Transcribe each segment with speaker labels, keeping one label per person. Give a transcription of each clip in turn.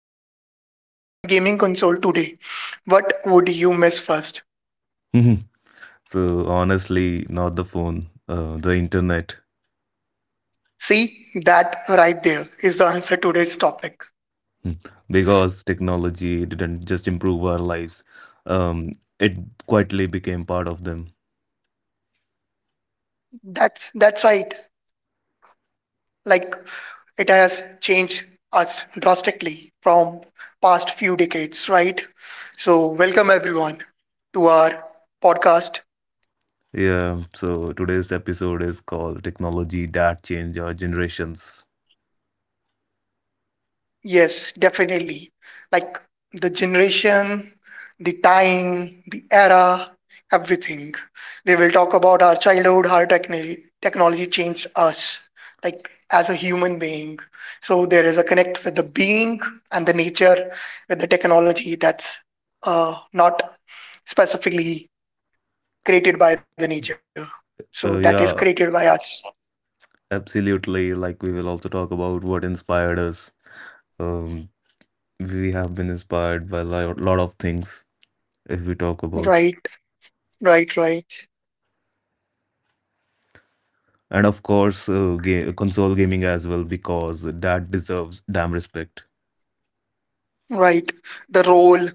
Speaker 1: phone, internet, and gaming console today, what would you miss first?
Speaker 2: Mhm. So honestly, not the phone, the internet.
Speaker 1: See, that right there is the answer to today's topic.
Speaker 2: Mm. Because technology didn't just improve our lives. Um, it quietly became part of them.
Speaker 1: That's right. Like it has changed us drastically from past few decades, right? So welcome everyone to our podcast.
Speaker 2: Yeah. So today's episode is called "Technology That Changed Our Generations."
Speaker 1: Yes, definitely. Like the generation, the time, the era, everything. We will talk about our childhood, how technology changed us, like as a human being. So there is a connect with the being and the nature with the technology that's not specifically created by the nature. So that is created by
Speaker 2: Yeah,
Speaker 1: us.
Speaker 2: absolutely. Like we will also talk about what inspired us. Um, we have been inspired by a lot of things if we talk about.
Speaker 1: Right, right, right.
Speaker 2: And of course console gaming as well, because that deserves damn respect.
Speaker 1: Right? The role,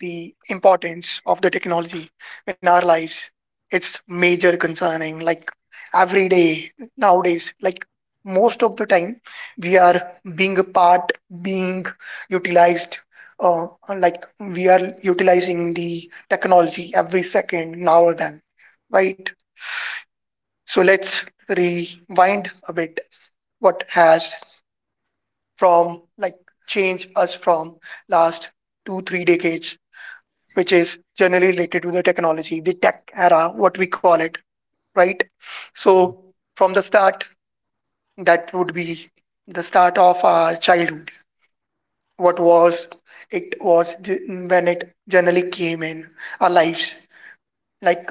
Speaker 1: the importance of the technology in our lives. It's major concerning. Like every day nowadays, like most of the time, we are being a part, being utilized. Uh, like we are utilizing the technology every second now or then, right? So let's rewind a bit. What has, from like, changed us from last 2-3 decades, which is generally related to the technology, the tech era, what we call it, right? So from the start, that would be the start of our childhood. What was it was when it generally came in our lives, like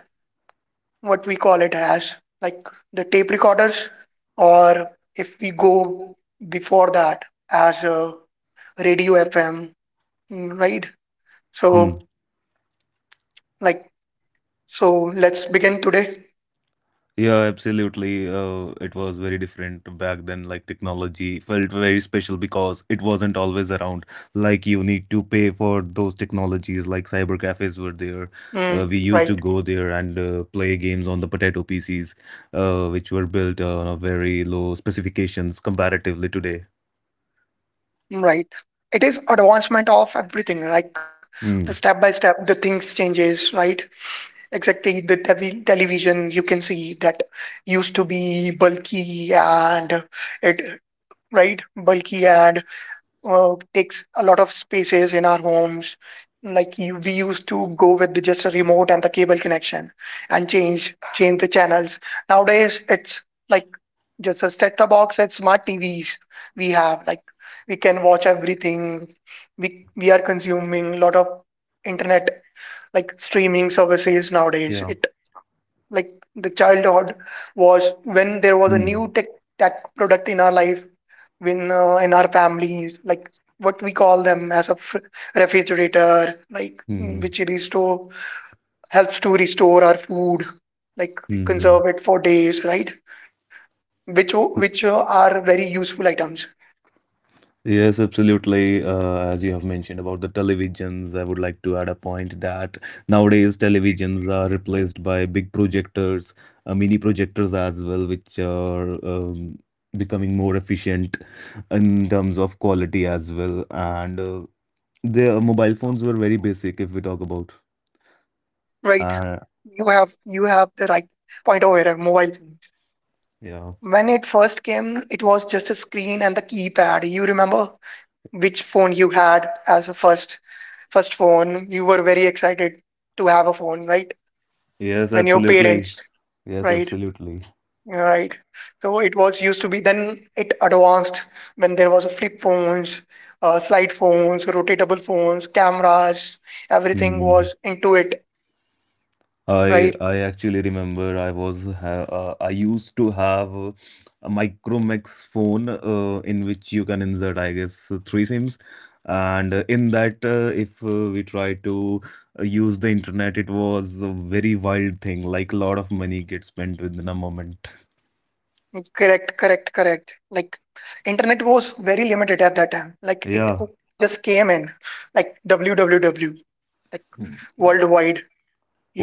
Speaker 1: what we call it as, like the tape recorders, or if we go before that as a radio FM, right?
Speaker 2: Hmm.
Speaker 1: So like so let's begin today.
Speaker 2: Yeah, absolutely. It was very different back then. Like technology felt very special because it wasn't always around. Like you need to pay for those technologies. Like cyber cafes were there.
Speaker 1: Mm,
Speaker 2: We used to
Speaker 1: right?
Speaker 2: go there and play games on the potato PCs, which were built on a very low specifications comparatively today.
Speaker 1: Right. It is advancement of everything, like the step
Speaker 2: Hmm.
Speaker 1: by step, the things changes, right? Exactly. The tevi television you can see that used to be bulky and it, right? Bulky and takes a lot of spaces in our homes. Like you, we used to go with just a remote and the cable connection and change the channels. Nowadays, it's like just a set-top box and smart TVs we have. Like we can watch everything. We are consuming a lot of internet like streaming services nowadays.
Speaker 2: Yeah.
Speaker 1: It, like the childhood was when there was a
Speaker 2: Hmm.
Speaker 1: new tech product in our life when in our families, like what we call them as a refrigerator, like,
Speaker 2: Hmm.
Speaker 1: which restore helps to restore our food, like
Speaker 2: Hmm.
Speaker 1: conserve it for days, right? Which are very useful items,
Speaker 2: Yes, absolutely. As you have mentioned about the televisions, I would like to add a point that nowadays televisions are replaced by big projectors, mini projectors as well, which are becoming more efficient in terms of quality as well. And the mobile phones were very basic, if we talk about.
Speaker 1: right?
Speaker 2: Uh,
Speaker 1: You have the right point over here, mobile phone.
Speaker 2: yeah.
Speaker 1: When it first came, it was just a screen and the keypad. You remember which phone you had as a first phone? You were very excited to have a phone, right?
Speaker 2: Yes,
Speaker 1: When your
Speaker 2: absolutely.
Speaker 1: parents,
Speaker 2: Yes,
Speaker 1: right?
Speaker 2: absolutely.
Speaker 1: Right. So it was used to be then it advanced when there was a flip phones, slide phones, rotatable phones, cameras, everything
Speaker 2: Hmm.
Speaker 1: was into it,
Speaker 2: I
Speaker 1: right?
Speaker 2: I actually remember, I used to have a Micromax phone, in which you can insert, I guess, three SIMs, and in that, if we try to use the internet, it was a very wild thing, like a lot of money gets spent within a moment.
Speaker 1: Correct, correct, correct. Like internet was very limited at that time. Like it
Speaker 2: Yeah.
Speaker 1: just came in, like www, like
Speaker 2: Hmm. Yeah.
Speaker 1: worldwide.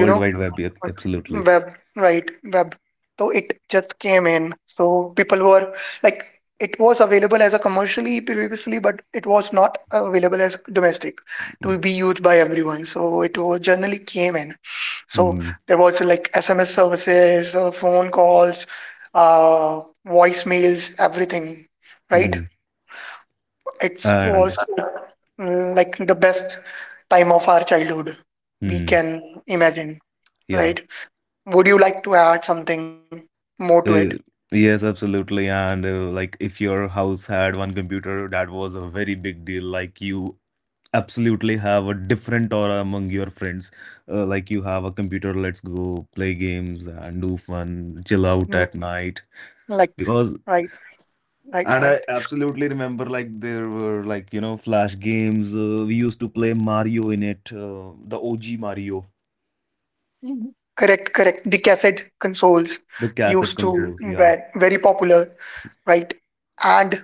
Speaker 1: you know
Speaker 2: Wide Web, yeah,
Speaker 1: but
Speaker 2: absolutely.
Speaker 1: web, right? Web. So it just came in, so people were, like, it was available as a commercially previously, but it was not available as domestic to
Speaker 2: Mm.
Speaker 1: be used by everyone, so it was generally came in. So
Speaker 2: Mm.
Speaker 1: there was like SMS services, phone calls, uh voicemails, everything, right?
Speaker 2: Mm.
Speaker 1: It was
Speaker 2: And
Speaker 1: like the best time of our childhood, we
Speaker 2: mm.
Speaker 1: can imagine,
Speaker 2: Yeah.
Speaker 1: right? Would you like to add something more to it?
Speaker 2: Uh, yes, absolutely. And like if your house had one computer, that was a very big deal. Like you absolutely have a different aura among your friends. Like you have a computer, let's go play games and do fun, chill out
Speaker 1: Mm,
Speaker 2: at night.
Speaker 1: like,
Speaker 2: Because,
Speaker 1: right, right,
Speaker 2: and
Speaker 1: right.
Speaker 2: I absolutely remember, like there were, like, you know, flash games. We used to play Mario in it, the OG Mario,
Speaker 1: Mhm. Correct, correct. The cassette consoles
Speaker 2: the cassette
Speaker 1: used to
Speaker 2: consoles. Yeah,
Speaker 1: were very popular, right? And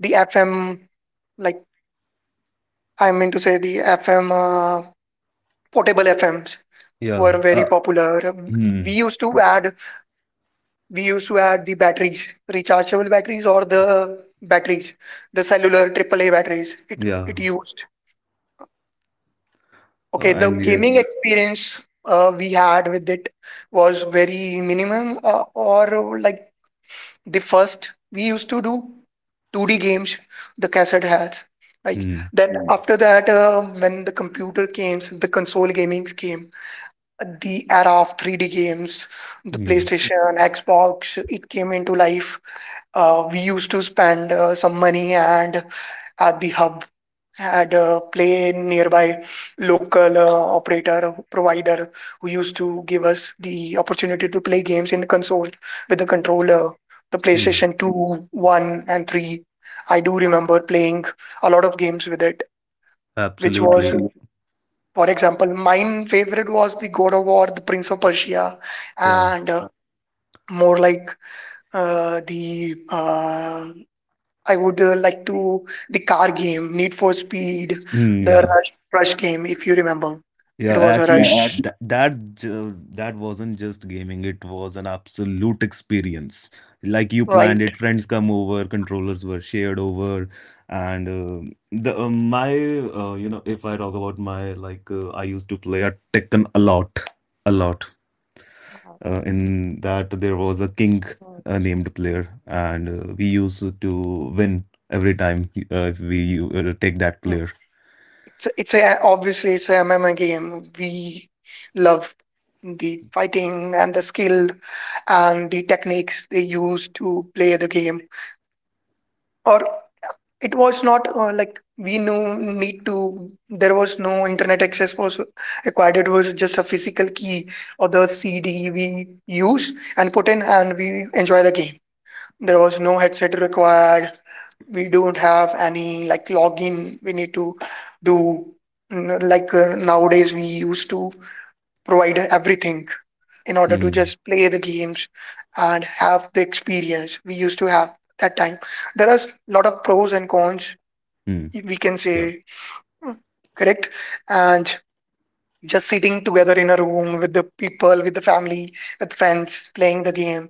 Speaker 1: the FM, like, I mean to say, the FM portable FMs
Speaker 2: yeah.
Speaker 1: were very popular.
Speaker 2: Hmm.
Speaker 1: We used to add, we used to add the batteries, rechargeable batteries, or the batteries, the cellular AAA batteries. It
Speaker 2: Yeah.
Speaker 1: it used.
Speaker 2: Uh,
Speaker 1: Okay, the
Speaker 2: and yeah.
Speaker 1: gaming, mhm, experience we had with it was very minimum, or like the first we used to do 2D games, the cassette has. Like,
Speaker 2: Hmm.
Speaker 1: then, mhm, after that, when the computer came, the console gaming came, the era of 3D games, the
Speaker 2: Hmm.
Speaker 1: PlayStation, Xbox, it came into life. We used to spend some money and at the hub had a play in nearby local operator provider who used to give us the opportunity to play games in the console with the controller, the
Speaker 2: Mm,
Speaker 1: PlayStation 2, 1, and 3. I do remember playing a lot of games with it, which was.
Speaker 2: absolutely.
Speaker 1: Absolutely. For example, mine favorite was the God of War, the Prince of Persia,
Speaker 2: Yeah.
Speaker 1: and more like, the, uh, I would like to, the car game, Need for Speed,
Speaker 2: Mm,
Speaker 1: the
Speaker 2: yeah.
Speaker 1: Rush, Rush game, if you remember. It
Speaker 2: Yeah.
Speaker 1: was a,
Speaker 2: Actually,
Speaker 1: yeah, Rush,
Speaker 2: that wasn't just gaming. It was an absolute experience. Like you
Speaker 1: right?
Speaker 2: planned it. Friends come over. Controllers were shared over, and the my you know, if I talk about my, like, I used to play a Tekken a lot, a lot. In that, there was a king named player, and we used to win every time, if we take that
Speaker 1: Mm.
Speaker 2: player.
Speaker 1: It's a obviously it's a MMA game. We love the fighting and the skill and the techniques they use to play the game. Or, it was not like we no need to, there was no internet access was required. It was just a physical key or the CD we use and put in and we enjoy the game. There was no headset required. We don't have any like login we need to do. Like nowadays, we used to provide everything in order to
Speaker 2: Hmm.
Speaker 1: just play the games and have the experience we used to have that time. There are a lot of pros and cons,
Speaker 2: Hmm.
Speaker 1: we can
Speaker 2: Yeah.
Speaker 1: say, mm, correct. And just sitting together in a room with the people, with the family, with friends, playing the game.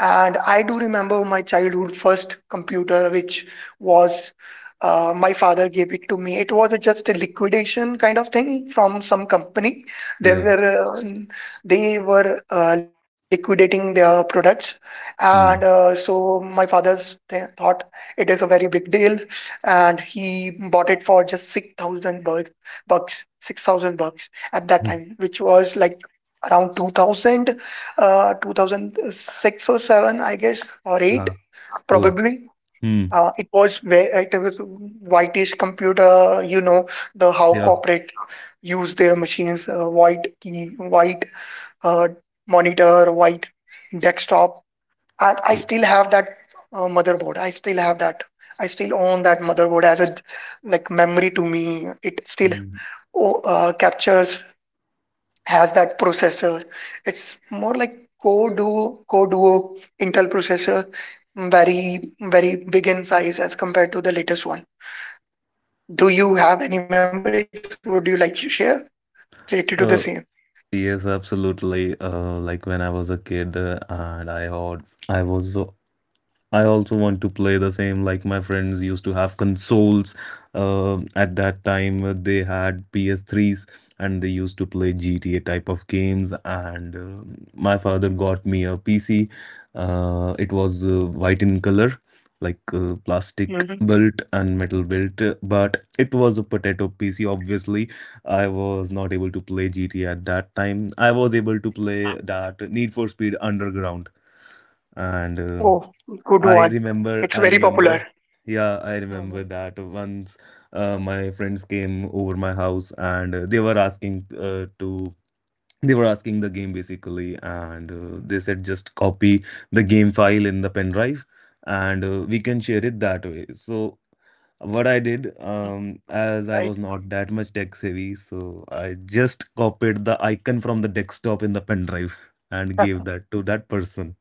Speaker 1: And I do remember my childhood first computer, which was, my father gave it to me. It was a just a liquidation kind of thing from some company. They
Speaker 2: Yeah.
Speaker 1: were uh, n- they were liquidating their products, and
Speaker 2: Hmm.
Speaker 1: so my father's thought it is a very big deal, and he bought it for just six thousand bucks, 6,000 bucks at that
Speaker 2: Hmm.
Speaker 1: time, which was like around 2000, 2006 or 7, I guess, or 8,
Speaker 2: Uh, Both.
Speaker 1: probably.
Speaker 2: Mm.
Speaker 1: It was where it was whitish computer, the how
Speaker 2: Yeah.
Speaker 1: corporate use their machines, white key, white uh, monitor, white desktop. And I
Speaker 2: Y-
Speaker 1: still have that motherboard. I still have that. I still own that motherboard as a, like, memory to me. It still
Speaker 2: Mm.
Speaker 1: captures has that processor. It's more like Core Duo, Core Duo Intel processor, very, very big in size as compared to the latest one. Do you have any memories? Would you like to share related to the
Speaker 2: Uh,
Speaker 1: same?
Speaker 2: yes, absolutely. Like when I was a kid, and I heard I was, I also want to play the same, like my friends used to have consoles. At that time, they had PS3s, and they used to play GTA type of games. And my father got me a PC. It was white in color, like plastic
Speaker 1: Hmm.
Speaker 2: built and metal built, but it was a potato PC. Obviously, I was not able to play GTA at that time. I was able to play that Need for Speed Underground and.
Speaker 1: Oh, good
Speaker 2: I
Speaker 1: one. It's
Speaker 2: remember,
Speaker 1: very
Speaker 2: I
Speaker 1: popular,
Speaker 2: remember. Yeah, I
Speaker 1: hmm,
Speaker 2: remember that once my friends came over my house, and they were asking the game basically, and they said just copy the game file in the pen drive, and we can share it that way. So what I did, as I
Speaker 1: right?
Speaker 2: was not that much tech savvy, so I just copied the icon from the desktop in the pen drive and gave that to that person.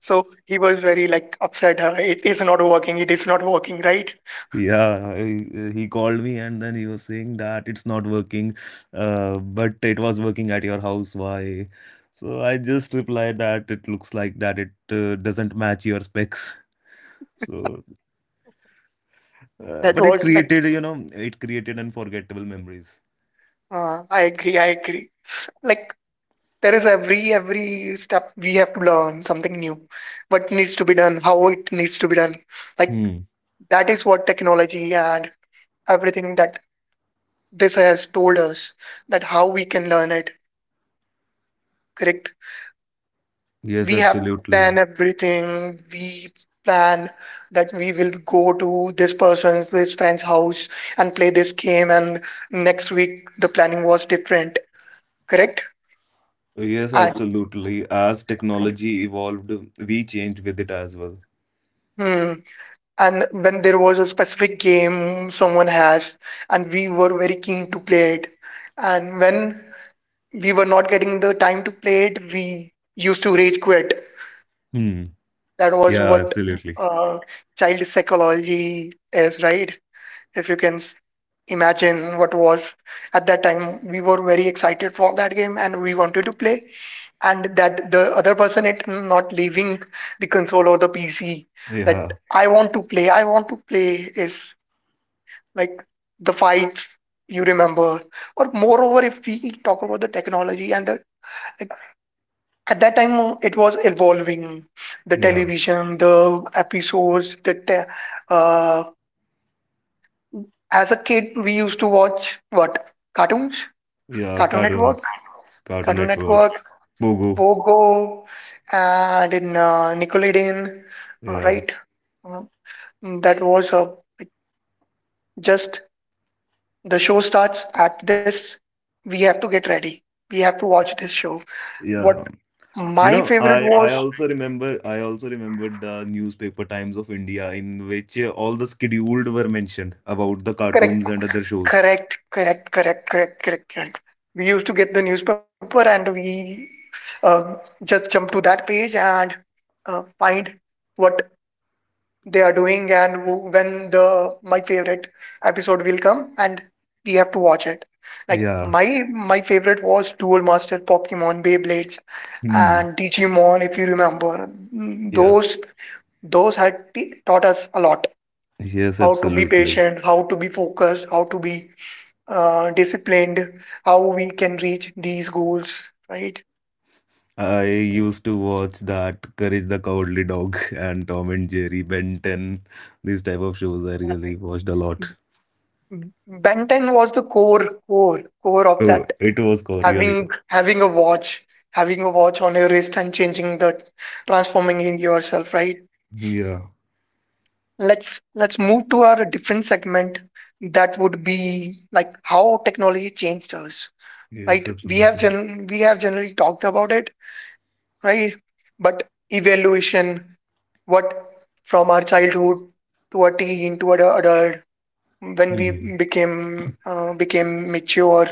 Speaker 1: So he was very like upset. It is not working. It is not working, right?
Speaker 2: Yeah, he called me, and then he was saying that it's not working, but it was working at your house. Why? So I just replied that it looks like that it doesn't match your specs. So,
Speaker 1: That
Speaker 2: but it
Speaker 1: was like,
Speaker 2: created, you know, it created unforgettable memories.
Speaker 1: I agree. I agree. Like there is every step, we have to learn something new, what needs to be done, how it needs to be done, like,
Speaker 2: Hmm.
Speaker 1: that is what technology and everything that this has told us, that how we can learn it, correct.
Speaker 2: Yes,
Speaker 1: We have to plan
Speaker 2: absolutely.
Speaker 1: everything. We plan that we will go to this friend's house and play this game. And next week, the planning was different, correct.
Speaker 2: Yes,
Speaker 1: and
Speaker 2: absolutely. As technology evolved, we changed with it as well.
Speaker 1: hmm, and when there was a specific game someone has, and we were very keen to play it, and when we were not getting the time to play it, we used to rage quit.
Speaker 2: Hmm.
Speaker 1: That was
Speaker 2: Yeah,
Speaker 1: what, mm.
Speaker 2: absolutely.
Speaker 1: uh, Child psychology is right. If you can imagine what was at that time, we were very excited for that game and we wanted to play, and that the other person, it not leaving the console or the pc, that
Speaker 2: Yeah.
Speaker 1: I want to play, I want to play, is like the fights, you remember? Or moreover, if we talk about the technology and the, like, at that time, it was evolving, the
Speaker 2: Yeah.
Speaker 1: television, the episodes, the uh, as a kid we used to watch what? Cartoons.
Speaker 2: Yeah,
Speaker 1: cartoon network
Speaker 2: cartoons. Cartoon
Speaker 1: cartoon network
Speaker 2: Networks. Bogo.
Speaker 1: Pogo, and in, Nickelodeon,
Speaker 2: Yeah,
Speaker 1: right? Uh, that was, like, just the show starts at this, we have to get ready, we have to watch this show. What
Speaker 2: yeah.
Speaker 1: my
Speaker 2: You know,
Speaker 1: favorite
Speaker 2: I
Speaker 1: was.
Speaker 2: I also remember, I also remembered the newspaper Times of India, in which all the scheduled were mentioned about the
Speaker 1: Correct,
Speaker 2: cartoons and other shows.
Speaker 1: correct, correct, correct, correct, correct, correct. We used to get the newspaper, and we, uh, just jump to that page and find what they are doing and who, when the my favorite episode will come, and we have to watch it. Like,
Speaker 2: Yeah.
Speaker 1: my favorite was Duel Master, Pokemon, Beyblades,
Speaker 2: Hmm.
Speaker 1: and Digimon. If you remember, mm,
Speaker 2: Yeah.
Speaker 1: those had taught us a lot.
Speaker 2: Yes,
Speaker 1: How to be
Speaker 2: absolutely.
Speaker 1: patient, how to be focused, how to be disciplined, how we can reach these goals, right?
Speaker 2: I used to watch that Courage the Cowardly Dog and Tom and Jerry, Ben 10. These type of shows I really
Speaker 1: Right.
Speaker 2: watched a lot.
Speaker 1: Benton was the core, core, core of
Speaker 2: So
Speaker 1: that.
Speaker 2: it was co- really good.
Speaker 1: Having a watch, having a watch on your wrist and changing the transforming in yourself, right?
Speaker 2: Yeah.
Speaker 1: Let's move to our different segment. That would be like how technology changed us,
Speaker 2: Yes,
Speaker 1: right? We have
Speaker 2: absolutely.
Speaker 1: gen we have generally talked about it, right? But evaluation, what, from our childhood to a teen to an adult, when we
Speaker 2: Hmm.
Speaker 1: became mature,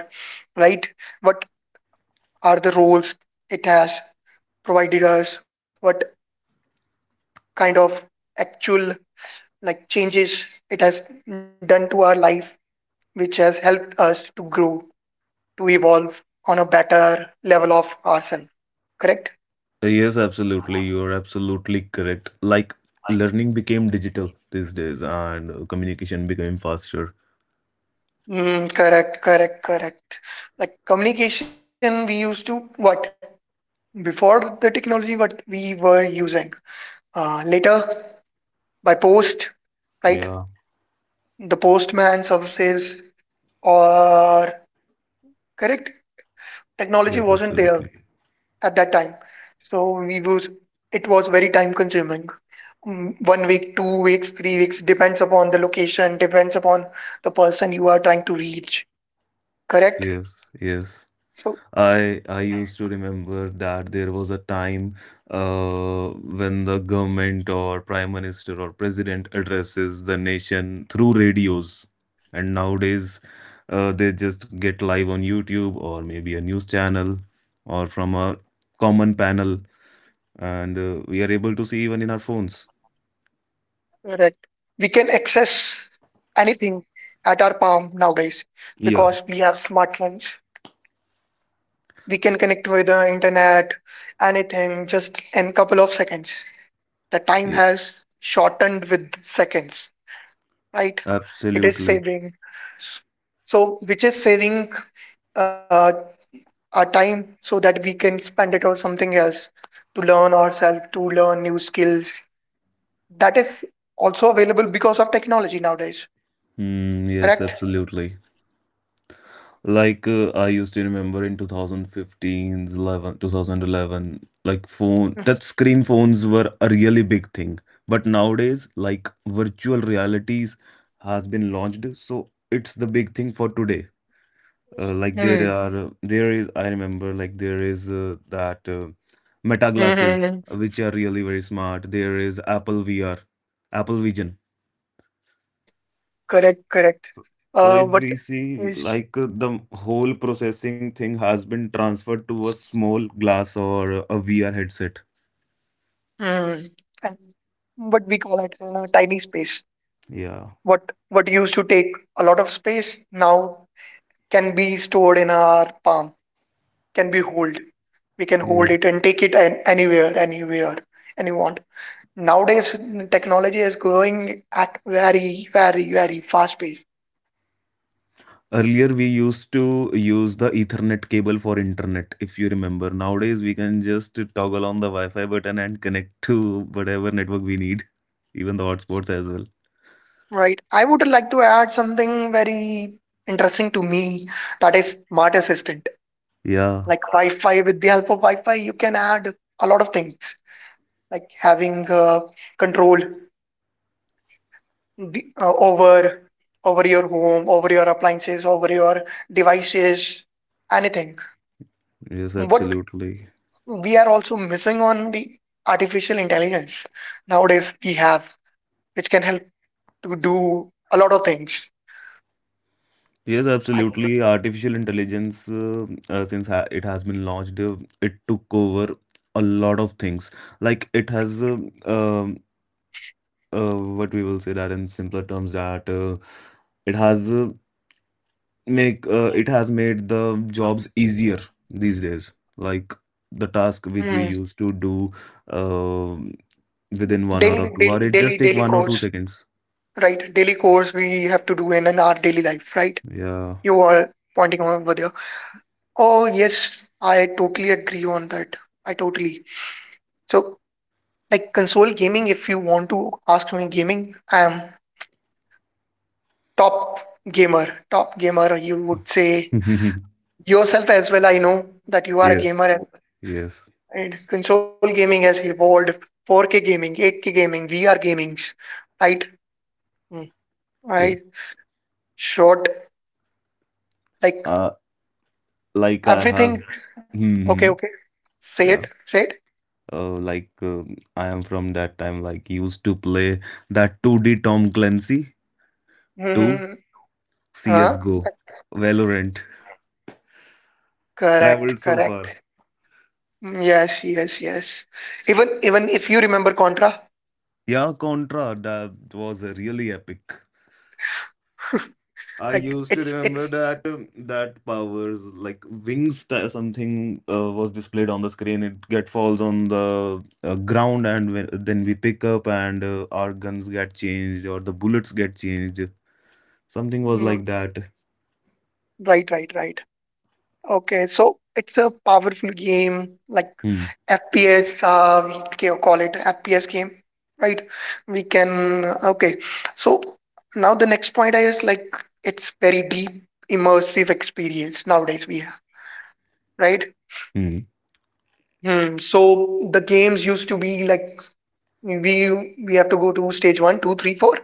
Speaker 1: right, what are the roles it has provided us, what kind of actual, like, changes it has done to our life, which has helped us to grow, to evolve on a better level of ourselves, correct?
Speaker 2: Yes, absolutely. You are absolutely correct. Like
Speaker 1: Like,
Speaker 2: learning became digital these days, and communication became faster.
Speaker 1: correct, correct, correct. Like, communication, we used to, what, before the technology, what we were using. Later, by post, right?
Speaker 2: Yeah,
Speaker 1: The postman services, or, correct, technology
Speaker 2: yes,
Speaker 1: wasn't there
Speaker 2: absolutely.
Speaker 1: at that time, so we was it was very time consuming. 1 week, 2 weeks, 3 weeks, depends upon the location, depends upon the person you are trying to reach. Correct.
Speaker 2: Yes, yes.
Speaker 1: So,
Speaker 2: I used to remember that there was a time when the government or prime minister or president addresses the nation through radios. And nowadays they just get live on YouTube, or maybe a news channel, or from a common panel, and we are able to see even in our phones.
Speaker 1: correct. We can access anything at our palm nowadays
Speaker 2: Yeah,
Speaker 1: because we have smartphones. We can connect with the internet, anything, just in couple of seconds. The time
Speaker 2: yeah,
Speaker 1: has shortened with seconds, right? It is
Speaker 2: absolutely.
Speaker 1: saving. So, which is saving uh, our time so that we can spend it on something else, to learn ourselves, to learn new skills. That is also available because of technology nowadays,
Speaker 2: Hmm,
Speaker 1: correct?
Speaker 2: yes, absolutely. Like I used to remember in 2015, 11, 2011. Like phone touch screen phones were a really big thing. But nowadays, like virtual realities has been launched, so it's the big thing for today. Like
Speaker 1: Mm.
Speaker 2: there is, I remember, like, there is, that Meta glasses,
Speaker 1: Mm-hmm.
Speaker 2: which are really very smart. There is Apple VR, Apple Vision.
Speaker 1: Correct, correct.
Speaker 2: So, so if
Speaker 1: What?
Speaker 2: we see, like, the whole processing thing has been transferred to a small glass or a VR headset.
Speaker 1: Hmm. And what we call it, tiny space.
Speaker 2: Yeah.
Speaker 1: What used to take a lot of space now can be stored in our palm, can be hold. We can
Speaker 2: Yeah.
Speaker 1: hold it and take it anywhere, anywhere, any want. Nowadays, technology is growing at very, very, very fast pace,
Speaker 2: Earlier, we used to use the Ethernet cable for internet, if you remember. Nowadays, we can just toggle on the Wi-Fi button and connect to whatever network we need, even the hotspots as well.
Speaker 1: right? I would like to add something very interesting to me, that is smart assistant.
Speaker 2: Yeah,
Speaker 1: Like Wi-Fi, with the help of Wi-Fi, you can add a lot of things, like having control the, uh, over over your home, over your appliances, over your devices, anything.
Speaker 2: yes,
Speaker 1: What
Speaker 2: absolutely.
Speaker 1: we are also missing on the artificial intelligence nowadays we have, which can help to do a lot of things.
Speaker 2: Yes,
Speaker 1: Like.
Speaker 2: absolutely. Artificial intelligence, since ha it has been launched, it took over a lot of things. Like it has, um, what we will say that in simpler terms, that it has. Make it has made the jobs easier these days, like the task which we
Speaker 1: Mm.
Speaker 2: used to do um within 1 hour or 2 hour, it just take
Speaker 1: Daily,
Speaker 2: one or two
Speaker 1: course,
Speaker 2: seconds
Speaker 1: right? Daily course we have to do in our daily life, right?
Speaker 2: Yeah.
Speaker 1: You are pointing over there. Oh, yes, I totally agree on that. I totally. So, like console gaming, if you want to ask me gaming, I am top gamer. Top gamer, you would say yourself as well. I know that you are a
Speaker 2: Yes,
Speaker 1: gamer, and,
Speaker 2: yes.
Speaker 1: and console gaming has evolved. 4K gaming, 8K gaming, VR gamings, right? Mm,
Speaker 2: Yeah.
Speaker 1: I shot, like,
Speaker 2: Uh, Like I
Speaker 1: everything.
Speaker 2: have.
Speaker 1: Okay,
Speaker 2: Hmm.
Speaker 1: okay, say it,
Speaker 2: Yeah.
Speaker 1: say it.
Speaker 2: Like, I am from that time, like used to play that 2D Tom Clancy 2,
Speaker 1: Mm-hmm. Huh.
Speaker 2: CSGO, Valorant.
Speaker 1: Correct,
Speaker 2: Traveled so far.
Speaker 1: correct. Yes, yes, yes. Even if you remember Contra,
Speaker 2: Yeah, Contra, that was a really epic. I
Speaker 1: like,
Speaker 2: used to remember that, that powers, like wings something, was displayed on the screen. It get falls on the ground, and when, then we pick up, and our guns get changed or the bullets get changed. Something was like
Speaker 1: mm,
Speaker 2: that.
Speaker 1: right, right, right. Okay, so it's a powerful game, like
Speaker 2: Hmm.
Speaker 1: FPS, we call it FPS game, right? We can, okay. So now the next point is, like, it's very deep, immersive experience nowadays we have, right?
Speaker 2: Hmm.
Speaker 1: Hmm. So the games used to be like we have to go to stage one, two, three, four.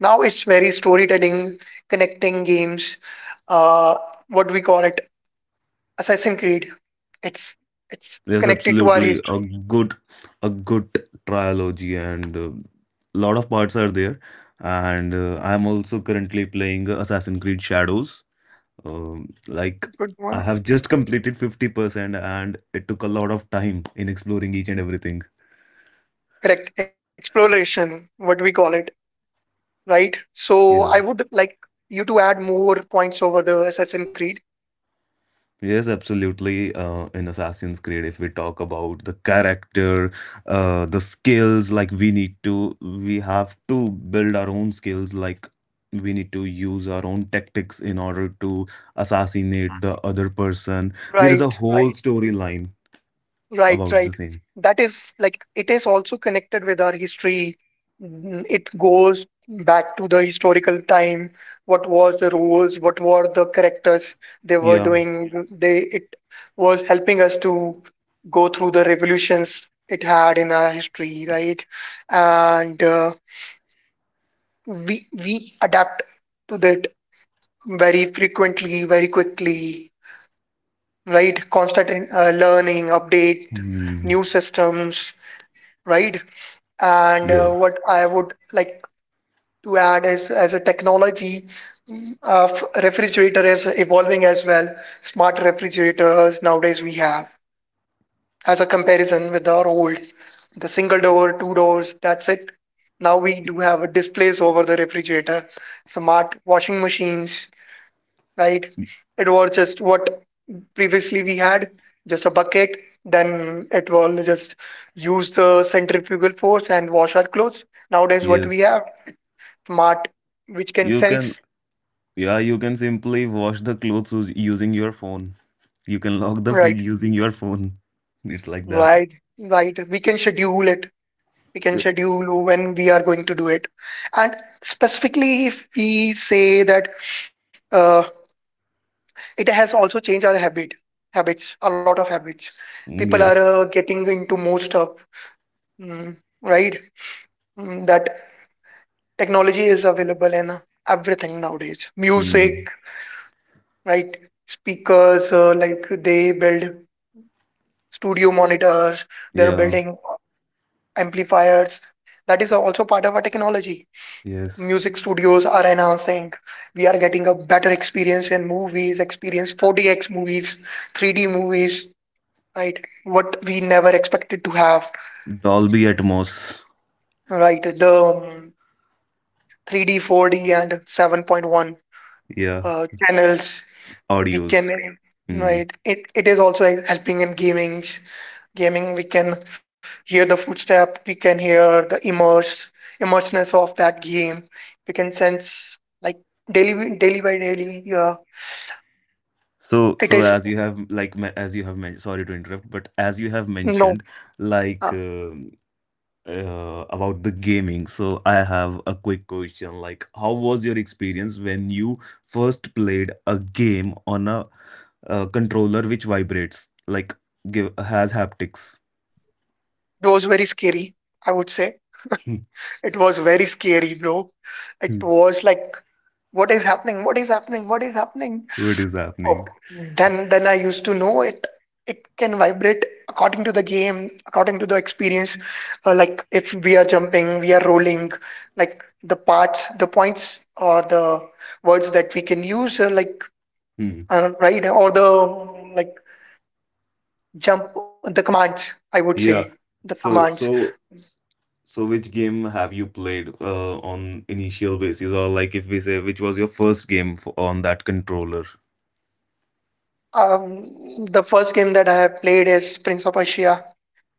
Speaker 1: Now it's very storytelling, connecting games, uh, what do we call it? Assassin Creed. It's it's
Speaker 2: Yes,
Speaker 1: connected to our
Speaker 2: absolutely, a
Speaker 1: history.
Speaker 2: good, a good trilogy, and a lot of parts are there. And I'm also currently playing Assassin's Creed Shadows. Like
Speaker 1: Good
Speaker 2: I
Speaker 1: one.
Speaker 2: have just completed 50%, and it took a lot of time in exploring each and everything.
Speaker 1: Correct. Exploration, what we call it, right? So I
Speaker 2: Yeah.
Speaker 1: would like you to add more points over the Assassin Creed.
Speaker 2: Yes, absolutely. In Assassin's Creed, if we talk about the character, the skills, like we have to build our own skills. Like we need to use our own tactics in order to assassinate the other person. There is a
Speaker 1: Right,
Speaker 2: whole
Speaker 1: right.
Speaker 2: storyline
Speaker 1: Right,
Speaker 2: about the
Speaker 1: right.
Speaker 2: same.
Speaker 1: That is like, it is also connected with our history. It goes back to the historical time. What was the rules? What were the characters they were
Speaker 2: Yeah.
Speaker 1: doing? They it was helping us to go through the revolutions it had in our history, right? And we adapt to that very frequently, very quickly, right? Constant learning, update,
Speaker 2: Hmm.
Speaker 1: new systems, right? And
Speaker 2: Yes.
Speaker 1: what I would like to add is, as a technology, refrigerator is evolving as well. Smart refrigerators nowadays we have, as a comparison with our old, the single door, two doors, that's it. Now we do have a displays over the refrigerator, smart washing machines, right? It was just, what, previously we had just a bucket, then it will just use the centrifugal force and wash our clothes. Nowadays, what we
Speaker 2: Yes.
Speaker 1: have, smart, which can
Speaker 2: You can.
Speaker 1: sense.
Speaker 2: Yeah, you can simply wash the clothes us- using your phone. You can lock the fridge
Speaker 1: Right.
Speaker 2: using your phone. It's like that.
Speaker 1: Right, right, we can schedule it. We can
Speaker 2: Uh,
Speaker 1: schedule when we are going to do it. And specifically, if we say that, uh, it has also changed our habits, a lot of habits. People are
Speaker 2: Yes.
Speaker 1: getting into more stuff, mm, right. Mm, that Technology is available in everything nowadays.
Speaker 2: Mm.
Speaker 1: Music, right? Speakers, like they build studio monitors, they're
Speaker 2: Yeah.
Speaker 1: building amplifiers. That is also part of our technology. Music
Speaker 2: Yes.
Speaker 1: studios are enhancing. We are getting a better experience in movies, experience 4DX movies, 3D movies, right? What we never expected to have,
Speaker 2: Dolby Atmos.
Speaker 1: right? The 3D, 4D, and 7.1
Speaker 2: Yeah.
Speaker 1: channels we
Speaker 2: Audios.
Speaker 1: can.
Speaker 2: Mm.
Speaker 1: Right, it is also like helping in gaming. We can hear the footstep, we can hear the immerse immersiveness of that game, we can sense, like, daily daily by daily. Yeah.
Speaker 2: So,
Speaker 1: It
Speaker 2: so
Speaker 1: is
Speaker 2: as you have like me- as you have mentioned, sorry to interrupt, but as you have
Speaker 1: no.
Speaker 2: mentioned,
Speaker 1: uh,
Speaker 2: like about the gaming. So I have a quick question, like how was your experience when you first played a game on a, controller which vibrates, like give has haptics?
Speaker 1: it was very scary, I would say.
Speaker 2: Hmm.
Speaker 1: It was very scary, bro.
Speaker 2: Hmm.
Speaker 1: It was like, what is happening, what is happening, what is happening?
Speaker 2: What is
Speaker 1: Oh,
Speaker 2: happening?
Speaker 1: then I used to know it. It can vibrate according to the game, according to the experience. Like, if we are jumping, we are rolling, like, the parts, the points, or the words that we can use,
Speaker 2: Hmm.
Speaker 1: right, or the like, jump, the commands. I would say,
Speaker 2: Yeah.
Speaker 1: the
Speaker 2: So
Speaker 1: commands.
Speaker 2: so so which game have you played, on initial basis, or like if we say, which was your first game for, on that controller?
Speaker 1: The first game that I have played is Prince of Persia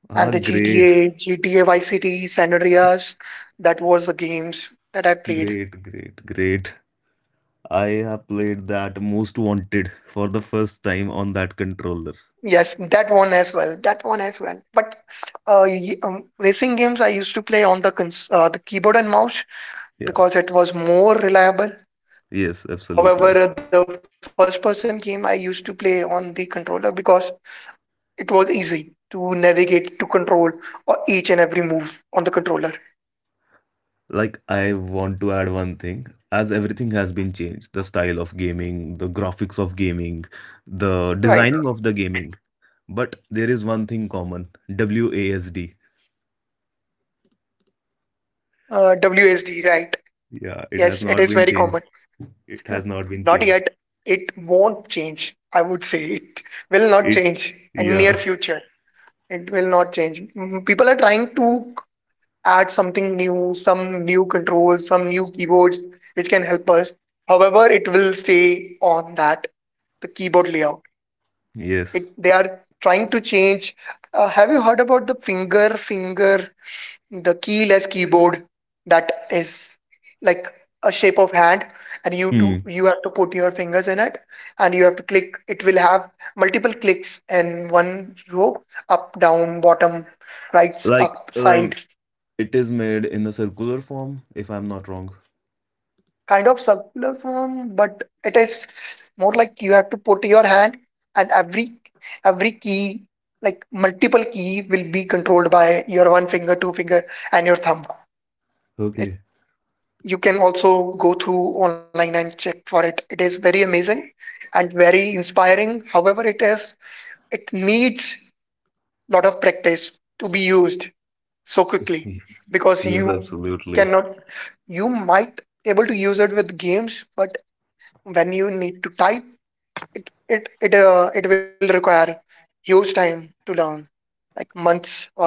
Speaker 2: Ah,
Speaker 1: and the
Speaker 2: great.
Speaker 1: GTA, GTA Vice City, San Andreas. That was the games that I played.
Speaker 2: Great, great, great. I have played that Most Wanted for the first time on that controller.
Speaker 1: Yes, that one as well. That one as well. But racing games I used to play on the the keyboard and mouse
Speaker 2: Yeah,
Speaker 1: because it was more reliable.
Speaker 2: yes, absolutely.
Speaker 1: However, the first person game I used to play on the controller because it was easy to navigate, to control each and every move on the controller.
Speaker 2: Like, I want to add one thing. As everything has been changed, the style of gaming, the graphics of gaming, the
Speaker 1: Right.
Speaker 2: designing of the gaming. But there is one thing common, WASD.
Speaker 1: WSD. Right.
Speaker 2: Yeah, it has
Speaker 1: Yes, it
Speaker 2: not
Speaker 1: is
Speaker 2: been
Speaker 1: very common.
Speaker 2: changed. It has not been
Speaker 1: Not
Speaker 2: changed.
Speaker 1: yet. It won't change. I would say it will not
Speaker 2: It,
Speaker 1: change in near
Speaker 2: yeah,
Speaker 1: future. It will not change. Mhm. People are trying to add something new, some new controls, some new keyboards which can help us. However, it will stay on that the keyboard layout. It
Speaker 2: yes.
Speaker 1: they are trying to change. Have you heard about the finger, the keyless keyboard that is like a shape of hand, and you to
Speaker 2: Hmm.
Speaker 1: you have to put your fingers in it, and you have to click. It will have multiple clicks in one row, up, down, bottom, right,
Speaker 2: Like,
Speaker 1: up side.
Speaker 2: it is made in a circular form, if I'm not wrong.
Speaker 1: Kind of circular form, but it is more like you have to put your hand, and every key, like multiple key will be controlled by your one finger, two finger, and your thumb.
Speaker 2: Okay.
Speaker 1: You can also go through online and check for it. It is very amazing and very inspiring. However, it needs lot of practice to be used so quickly, because
Speaker 2: Yes,
Speaker 1: you
Speaker 2: absolutely.
Speaker 1: cannot, you might able to use it with games, but when you need to type, it will require huge time to learn, like months, or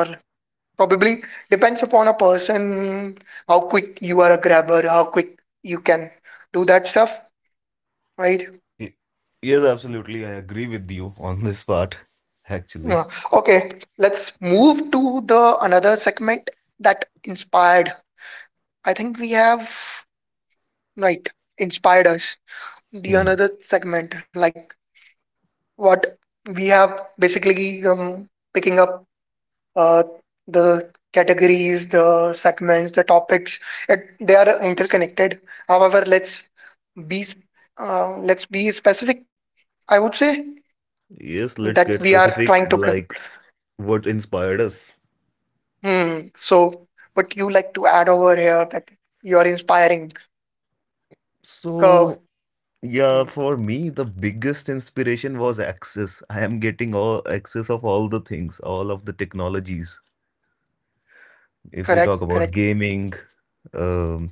Speaker 1: probably depends upon a person, how quick you are a grabber, how quick you can do that stuff. Right.
Speaker 2: Y- Yes, absolutely. I agree with you on this part,
Speaker 1: Yeah.
Speaker 2: actually.
Speaker 1: Okay. Let's move to the another segment that inspired. I think we have, right, inspired us. The
Speaker 2: Hmm.
Speaker 1: another segment, like, what we have basically picking up uh, the categories, the segments, the topics. They are interconnected. However, be s- let's be specific. I would say
Speaker 2: Yes, let's
Speaker 1: that
Speaker 2: get
Speaker 1: we are
Speaker 2: specific,
Speaker 1: trying to c-
Speaker 2: like what inspired us.
Speaker 1: Hmm. So, but you like to add over here that you're inspiring curve.
Speaker 2: So, yeah,
Speaker 1: Mm,
Speaker 2: for me, the biggest inspiration was access. I am getting all access of all the things, all of the technologies. If we talk
Speaker 1: Correct,
Speaker 2: about
Speaker 1: correct.
Speaker 2: gaming, um,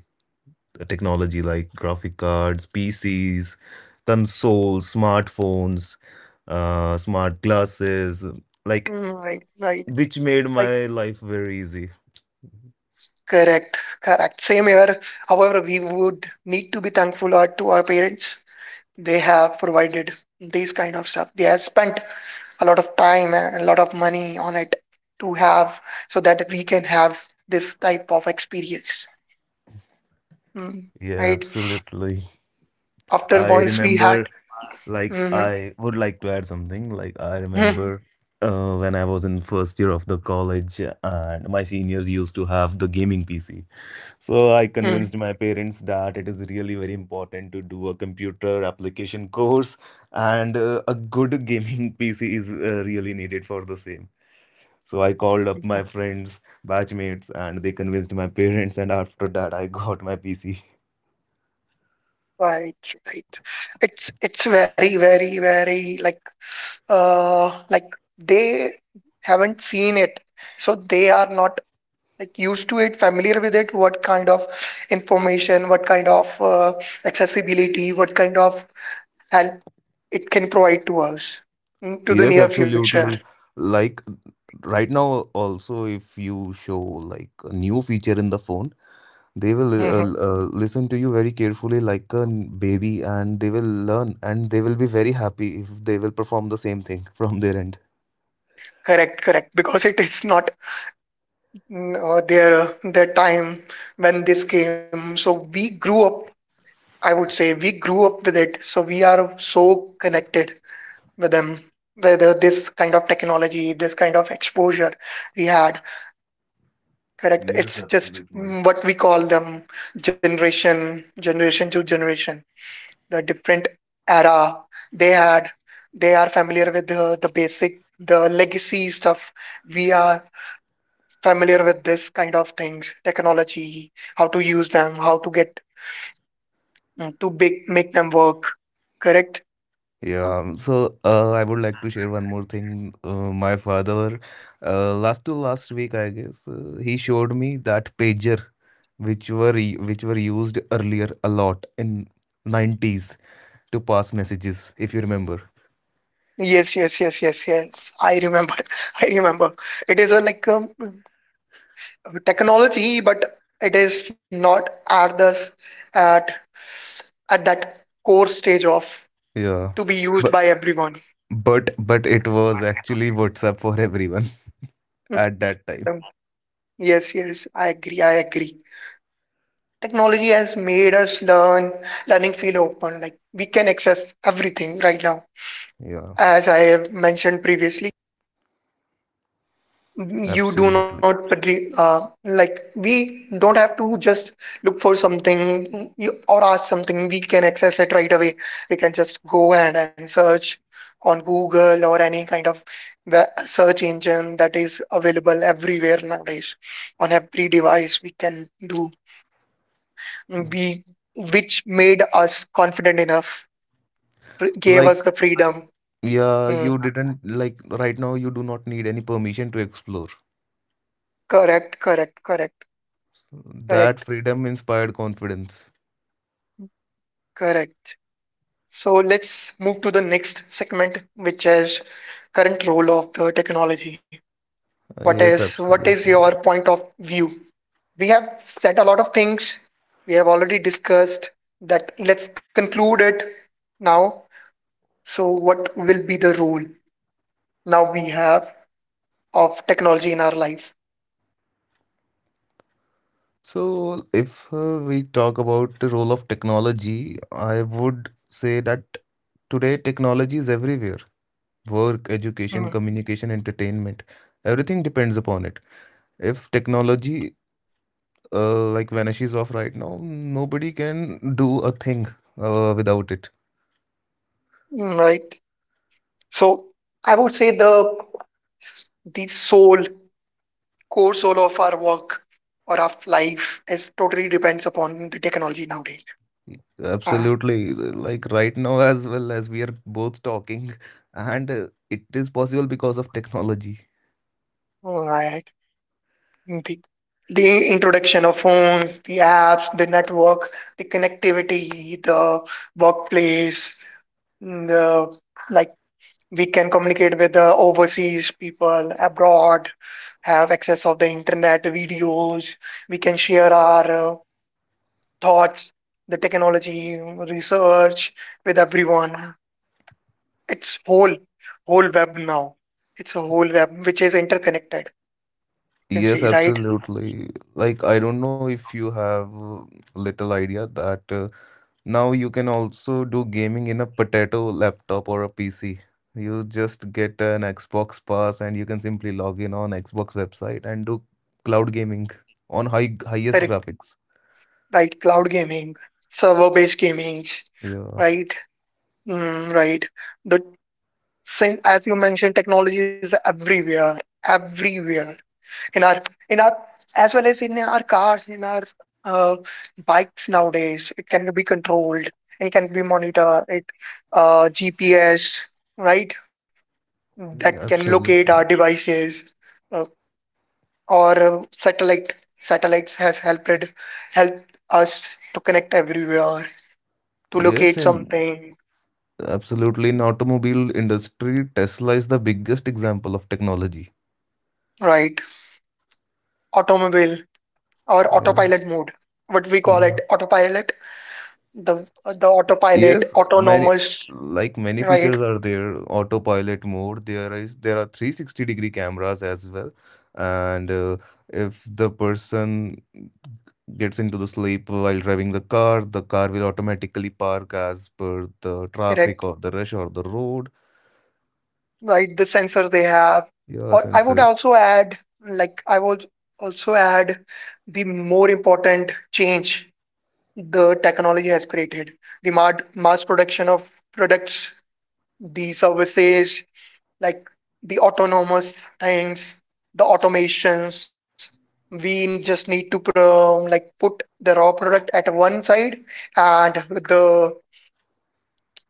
Speaker 2: the technology like graphic cards, PCs, consoles, smartphones, smart glasses, like
Speaker 1: Right, right,
Speaker 2: which made
Speaker 1: right.
Speaker 2: my life very easy.
Speaker 1: Correct, correct. Same here. However, we would need to be thankful to our parents. They have provided these kind of stuff. They have spent a lot of time and a lot of money on it, to have, so that we can have this type of experience. Mm,
Speaker 2: Yeah,
Speaker 1: right.
Speaker 2: absolutely.
Speaker 1: After
Speaker 2: I
Speaker 1: once we had.
Speaker 2: remember, like, I would like to add something. Like, I
Speaker 1: Mm-hmm.
Speaker 2: remember when I was in first year of the college, and my seniors used to have the gaming PC. So I convinced my parents that it is really very important to do a computer application course, and a good gaming PC is really needed for the same. So I called up my friends, batchmates, and they convinced my parents, and after that, I got my PC.
Speaker 1: Right, right. It's very, very, very like, like they haven't seen it. So they are not, like, used to it, familiar with it, what kind of information, what kind of accessibility, what kind of help it can provide to us, to the
Speaker 2: Yes,
Speaker 1: near future.
Speaker 2: absolutely. Like right now, also, if you show like a new feature in the phone, they will
Speaker 1: Hmm.
Speaker 2: listen to you very carefully, like a baby, and they will learn and they will be very happy if they will perform the same thing from their end.
Speaker 1: Correct, correct. Because it is not their time when this came. So we grew up, I would say we grew up with it, so we are so connected with them. Whether this kind of technology, this kind of exposure we had, correct?
Speaker 2: Yes,
Speaker 1: It's just,
Speaker 2: absolutely.
Speaker 1: what we call them, generation, generation to generation. The different era they had, they are familiar with the basic, the legacy stuff. We are familiar with this kind of things, technology, how to use them, how to get, to big, make them work, correct?
Speaker 2: Yeah, so I would like to share one more thing. My father, last to last week, I guess, he showed me that pager, which were used earlier a lot in 90s to pass messages, if you remember.
Speaker 1: Yes, yes, yes, yes, yes. I remember. I remember. It is a, like, technology, but it is not at this, at at that core stage of, to
Speaker 2: Yeah,
Speaker 1: be used by
Speaker 2: but
Speaker 1: everyone.
Speaker 2: but it was actually WhatsApp for everyone at that
Speaker 1: Mm.
Speaker 2: time.
Speaker 1: Yes, yes, I agree. I agree. Technology has made us learn, learning feel open. Like we can access everything right now,
Speaker 2: Yeah,
Speaker 1: as I have mentioned previously. You do not
Speaker 2: absolutely.
Speaker 1: agree, like we don't have to just look for something, or ask something. We can access it right away. We can just go and search on Google or any kind of search engine that is available everywhere nowadays. On every device we can do, we which made us confident enough. Gave us
Speaker 2: Like,
Speaker 1: the freedom.
Speaker 2: yeah,
Speaker 1: Mm,
Speaker 2: you didn't like right now. You do not need any permission to explore.
Speaker 1: correct, correct, correct,
Speaker 2: That
Speaker 1: correct,
Speaker 2: freedom inspired confidence.
Speaker 1: correct. So let's move to the next segment, which is current role of the technology. What is
Speaker 2: Yes,
Speaker 1: what is your
Speaker 2: absolutely.
Speaker 1: point of view? We have said a lot of things. We have already discussed that. Let's conclude it now. So what will be the role, now we have, of technology in our life?
Speaker 2: So, if we talk about the role of technology, I would say that today technology is everywhere. Work,
Speaker 1: Mm.
Speaker 2: education, communication, entertainment, everything depends upon it. If technology like vanishes off right now, nobody can do a thing without it.
Speaker 1: Right. So I would say the soul, core soul of our work or of life is totally depends upon the technology nowadays. Uh,
Speaker 2: Absolutely. Like right now, as well as we are both talking, and it is possible because of technology.
Speaker 1: All right. The, the introduction of phones, the apps, the network, the connectivity, the workplace, mm, the, like, we can communicate with the overseas people abroad, have access of the internet, videos. We can share our thoughts, the technology, research with everyone. It's whole, whole web now. It's a whole web which is interconnected. You can
Speaker 2: Yes,
Speaker 1: see, right?
Speaker 2: absolutely. Like, I don't know if you have little idea that now you can also do gaming in a potato laptop or a PC. You just get an Xbox Pass and you can simply log in on Xbox website and do cloud gaming on highest
Speaker 1: Correct.
Speaker 2: graphics.
Speaker 1: Right? Cloud gaming, server-based gaming,
Speaker 2: Yeah,
Speaker 1: right? Mm, right. The same as you mentioned, technology is everywhere, everywhere in our in our as well as in our cars, in our bikes nowadays. It can be controlled. It can be monitored. It, GPS, right? That can locate our
Speaker 2: absolutely.
Speaker 1: devices, uh, or satellite. Satellites has helped help us to connect everywhere, to
Speaker 2: Yes,
Speaker 1: locate
Speaker 2: and
Speaker 1: something,
Speaker 2: absolutely in automobile industry, Tesla is the biggest example of technology.
Speaker 1: right? Automobile or
Speaker 2: Yeah,
Speaker 1: autopilot mode, what we call
Speaker 2: yeah.
Speaker 1: it autopilot, the autopilot,
Speaker 2: Yes, many
Speaker 1: autonomous,
Speaker 2: like many
Speaker 1: right?
Speaker 2: features are there. Autopilot mode. There are 360 degree cameras as well, and if the person gets into the sleep while driving the car will automatically park as per the
Speaker 1: Correct,
Speaker 2: traffic or the rush or the road.
Speaker 1: right? The sensors they have,
Speaker 2: Yeah,
Speaker 1: or I would
Speaker 2: sensors.
Speaker 1: also add, like I would also add the more important change the technology has created, the mad mass production of products, the services, like the autonomous things, the automations. We just need to like put the raw product at one side, and the,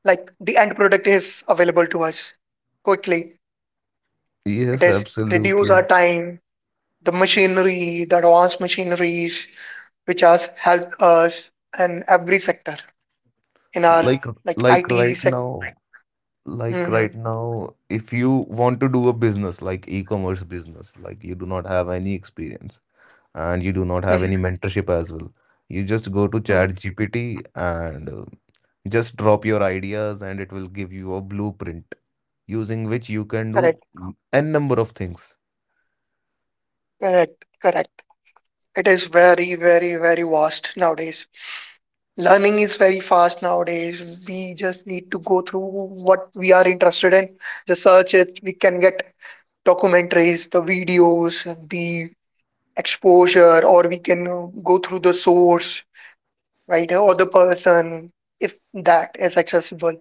Speaker 1: like, the end product is available to us quickly. It
Speaker 2: Yes,
Speaker 1: is reduce our
Speaker 2: absolutely.
Speaker 1: time, the machinery, the advanced machineries, which has helped us in every sector in our,
Speaker 2: Like
Speaker 1: like,
Speaker 2: like
Speaker 1: IT
Speaker 2: right
Speaker 1: sector.
Speaker 2: now, like right
Speaker 1: Hmm.
Speaker 2: now, if you want to do a business like e-commerce business, like you do not have any experience. And you do not have
Speaker 1: Hmm.
Speaker 2: any mentorship as well. You just go to Chat GPT and just drop your ideas, and it will give you a blueprint using which you can do
Speaker 1: Correct,
Speaker 2: n number of things.
Speaker 1: correct, correct. It is very, very, very vast nowadays. Learning is very fast nowadays. We just need to go through what we are interested in, just search it. We can get documentaries, the videos, the exposure, or we can go through the source, right, or the person if that is accessible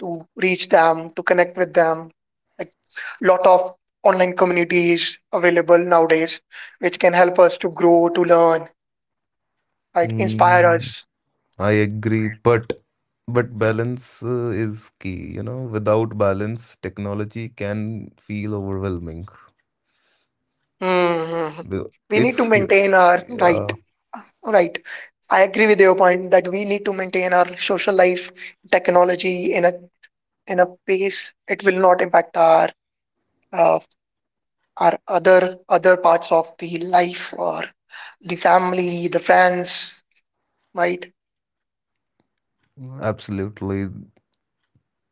Speaker 1: to reach them, to connect with them. Like, lot of online communities available nowadays, which can help us to grow, to learn, right, inspire
Speaker 2: Mm,
Speaker 1: us.
Speaker 2: I agree, but balance is key, without balance technology can feel overwhelming.
Speaker 1: Mm-hmm.
Speaker 2: Be-
Speaker 1: We need to
Speaker 2: if you
Speaker 1: maintain our right.
Speaker 2: Yeah,
Speaker 1: Right. I agree with your point that we need to maintain our social life, technology in a, in a pace it will not impact our, uh, our other parts of the life or the family, the friends, right?
Speaker 2: absolutely.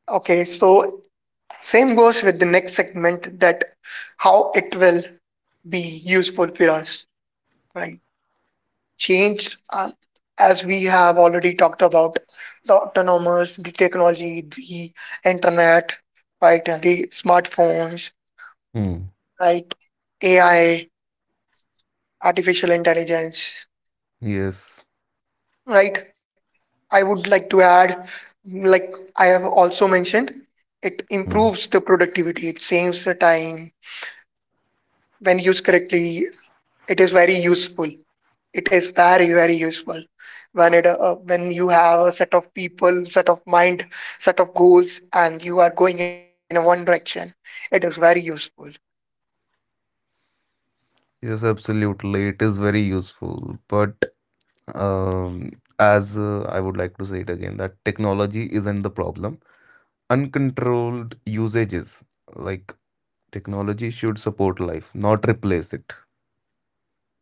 Speaker 1: Okay, so same goes with the next segment, that how it will be useful for us, right? Change, as we have already talked about the autonomous, the technology, the internet, right, and the smartphones,
Speaker 2: Hmm.
Speaker 1: right, AI, artificial intelligence,
Speaker 2: Yes.
Speaker 1: right. I would like to add, like, I have also mentioned, it improves the productivity, it saves the time. When used correctly, it is very useful. It is very, very useful when it when you have a set of people, set of mind, set of goals, and you are going in a one direction. It is very useful.
Speaker 2: Yes, absolutely. It is very useful. But um, as I would like to say it again, that technology isn't the problem. Uncontrolled usages, like technology should support life, not replace it.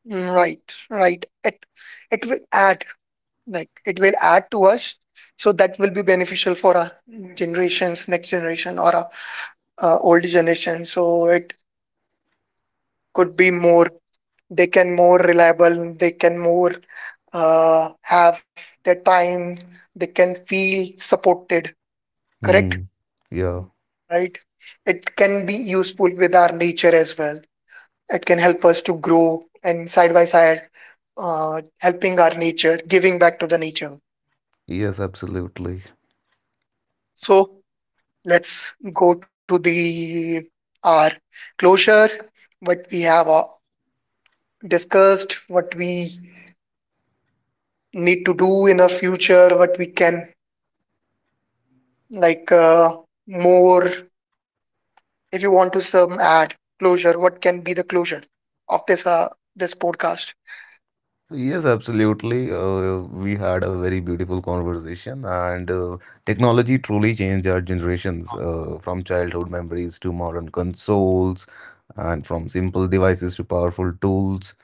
Speaker 1: Mm. Right, right. It will add, like it will add to us, so that will be beneficial for our generations, next generation, or our old generation. So it could be more. They can more reliable. They can more have their time. They can feel supported. Correct.
Speaker 2: Hmm. Yeah.
Speaker 1: Right? It can be useful with our nature as well. It can help us to grow and side by side, helping our nature, giving back to the nature.
Speaker 2: Yes, absolutely.
Speaker 1: So let's go to the our closure. What we have discussed, what we need to do in the future, what we can, like, more. If you want to some add closure, what can be the closure of this, this podcast?
Speaker 2: Yes, absolutely. We had a very beautiful conversation, and technology truly changed our generations from childhood memories to modern consoles, and from simple devices to powerful tools.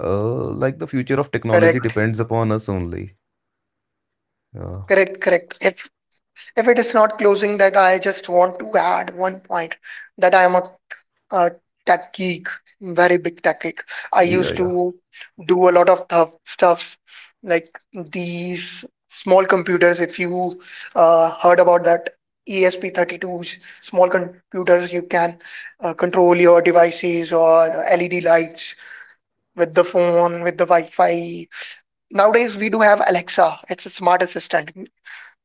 Speaker 2: Like the future of technology
Speaker 1: Correct.
Speaker 2: depends upon us only. Uh,
Speaker 1: Correct, correct. If it is not closing that, I just want to add one point that I am a tech geek, very big tech geek. I
Speaker 2: yeah,
Speaker 1: used
Speaker 2: yeah.
Speaker 1: to do a lot of stuffs like these small computers. If you heard about that, ESP32s, small computers, you can control your devices or LED lights with the phone, with the Wi-Fi. Nowadays, we do have Alexa. It's a smart assistant, mm,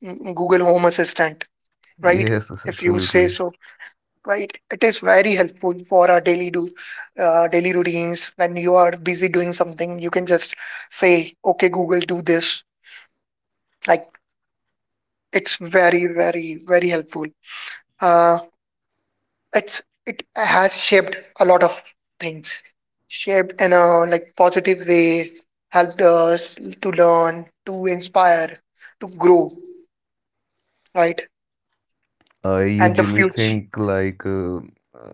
Speaker 1: mm, Google Home Assistant, right?
Speaker 2: Yes, yes,
Speaker 1: If you say
Speaker 2: absolutely.
Speaker 1: so, right? It is very helpful for our daily do, daily routines. When you are busy doing something, you can just say, "Okay, Google, do this." Like, it's very, very, very helpful. Uh, it's it has shaped a lot of things, shaped in a like positive way, helped us to learn, to inspire, to grow, right?
Speaker 2: I
Speaker 1: And the
Speaker 2: usually
Speaker 1: future.
Speaker 2: think like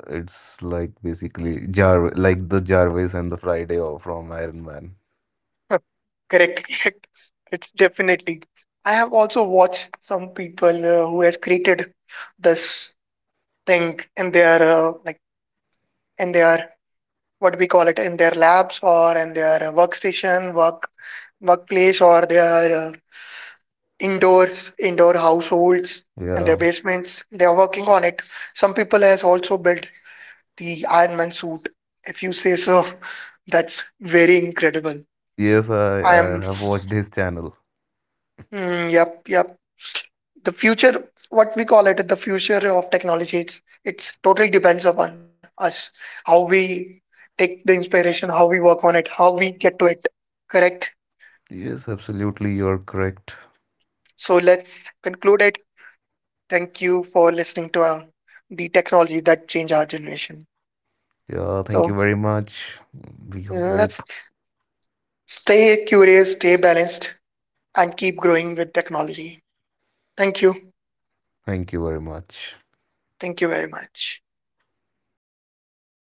Speaker 2: it's like basically Jar like the Jarvis and the Friday off from Iron Man.
Speaker 1: Correct, correct. It's definitely. I have also watched some people who has created this thing in their, like in their, what we call it, in their labs or in their workstation, workplace, or their indoors, indoor households and their
Speaker 2: Yeah.
Speaker 1: basements. They are working on it. Some people has also built the Iron Man suit. If you say so, that's very incredible.
Speaker 2: Yes, I,
Speaker 1: I
Speaker 2: I
Speaker 1: am.
Speaker 2: have watched his channel.
Speaker 1: Mm, yep, yep. The future, what we call it, the future of technology, it's totally depends upon us, how we take the inspiration, how we work on it, how we get to it, correct.
Speaker 2: Yes, absolutely, you're correct.
Speaker 1: So let's conclude it. Thank you for listening to, the technology that change our generation.
Speaker 2: Yeah, thank you
Speaker 1: So
Speaker 2: very much. We
Speaker 1: let's
Speaker 2: hope.
Speaker 1: stay curious, stay balanced, and keep growing with technology. Thank you.
Speaker 2: Thank you very much.
Speaker 1: Thank you very much.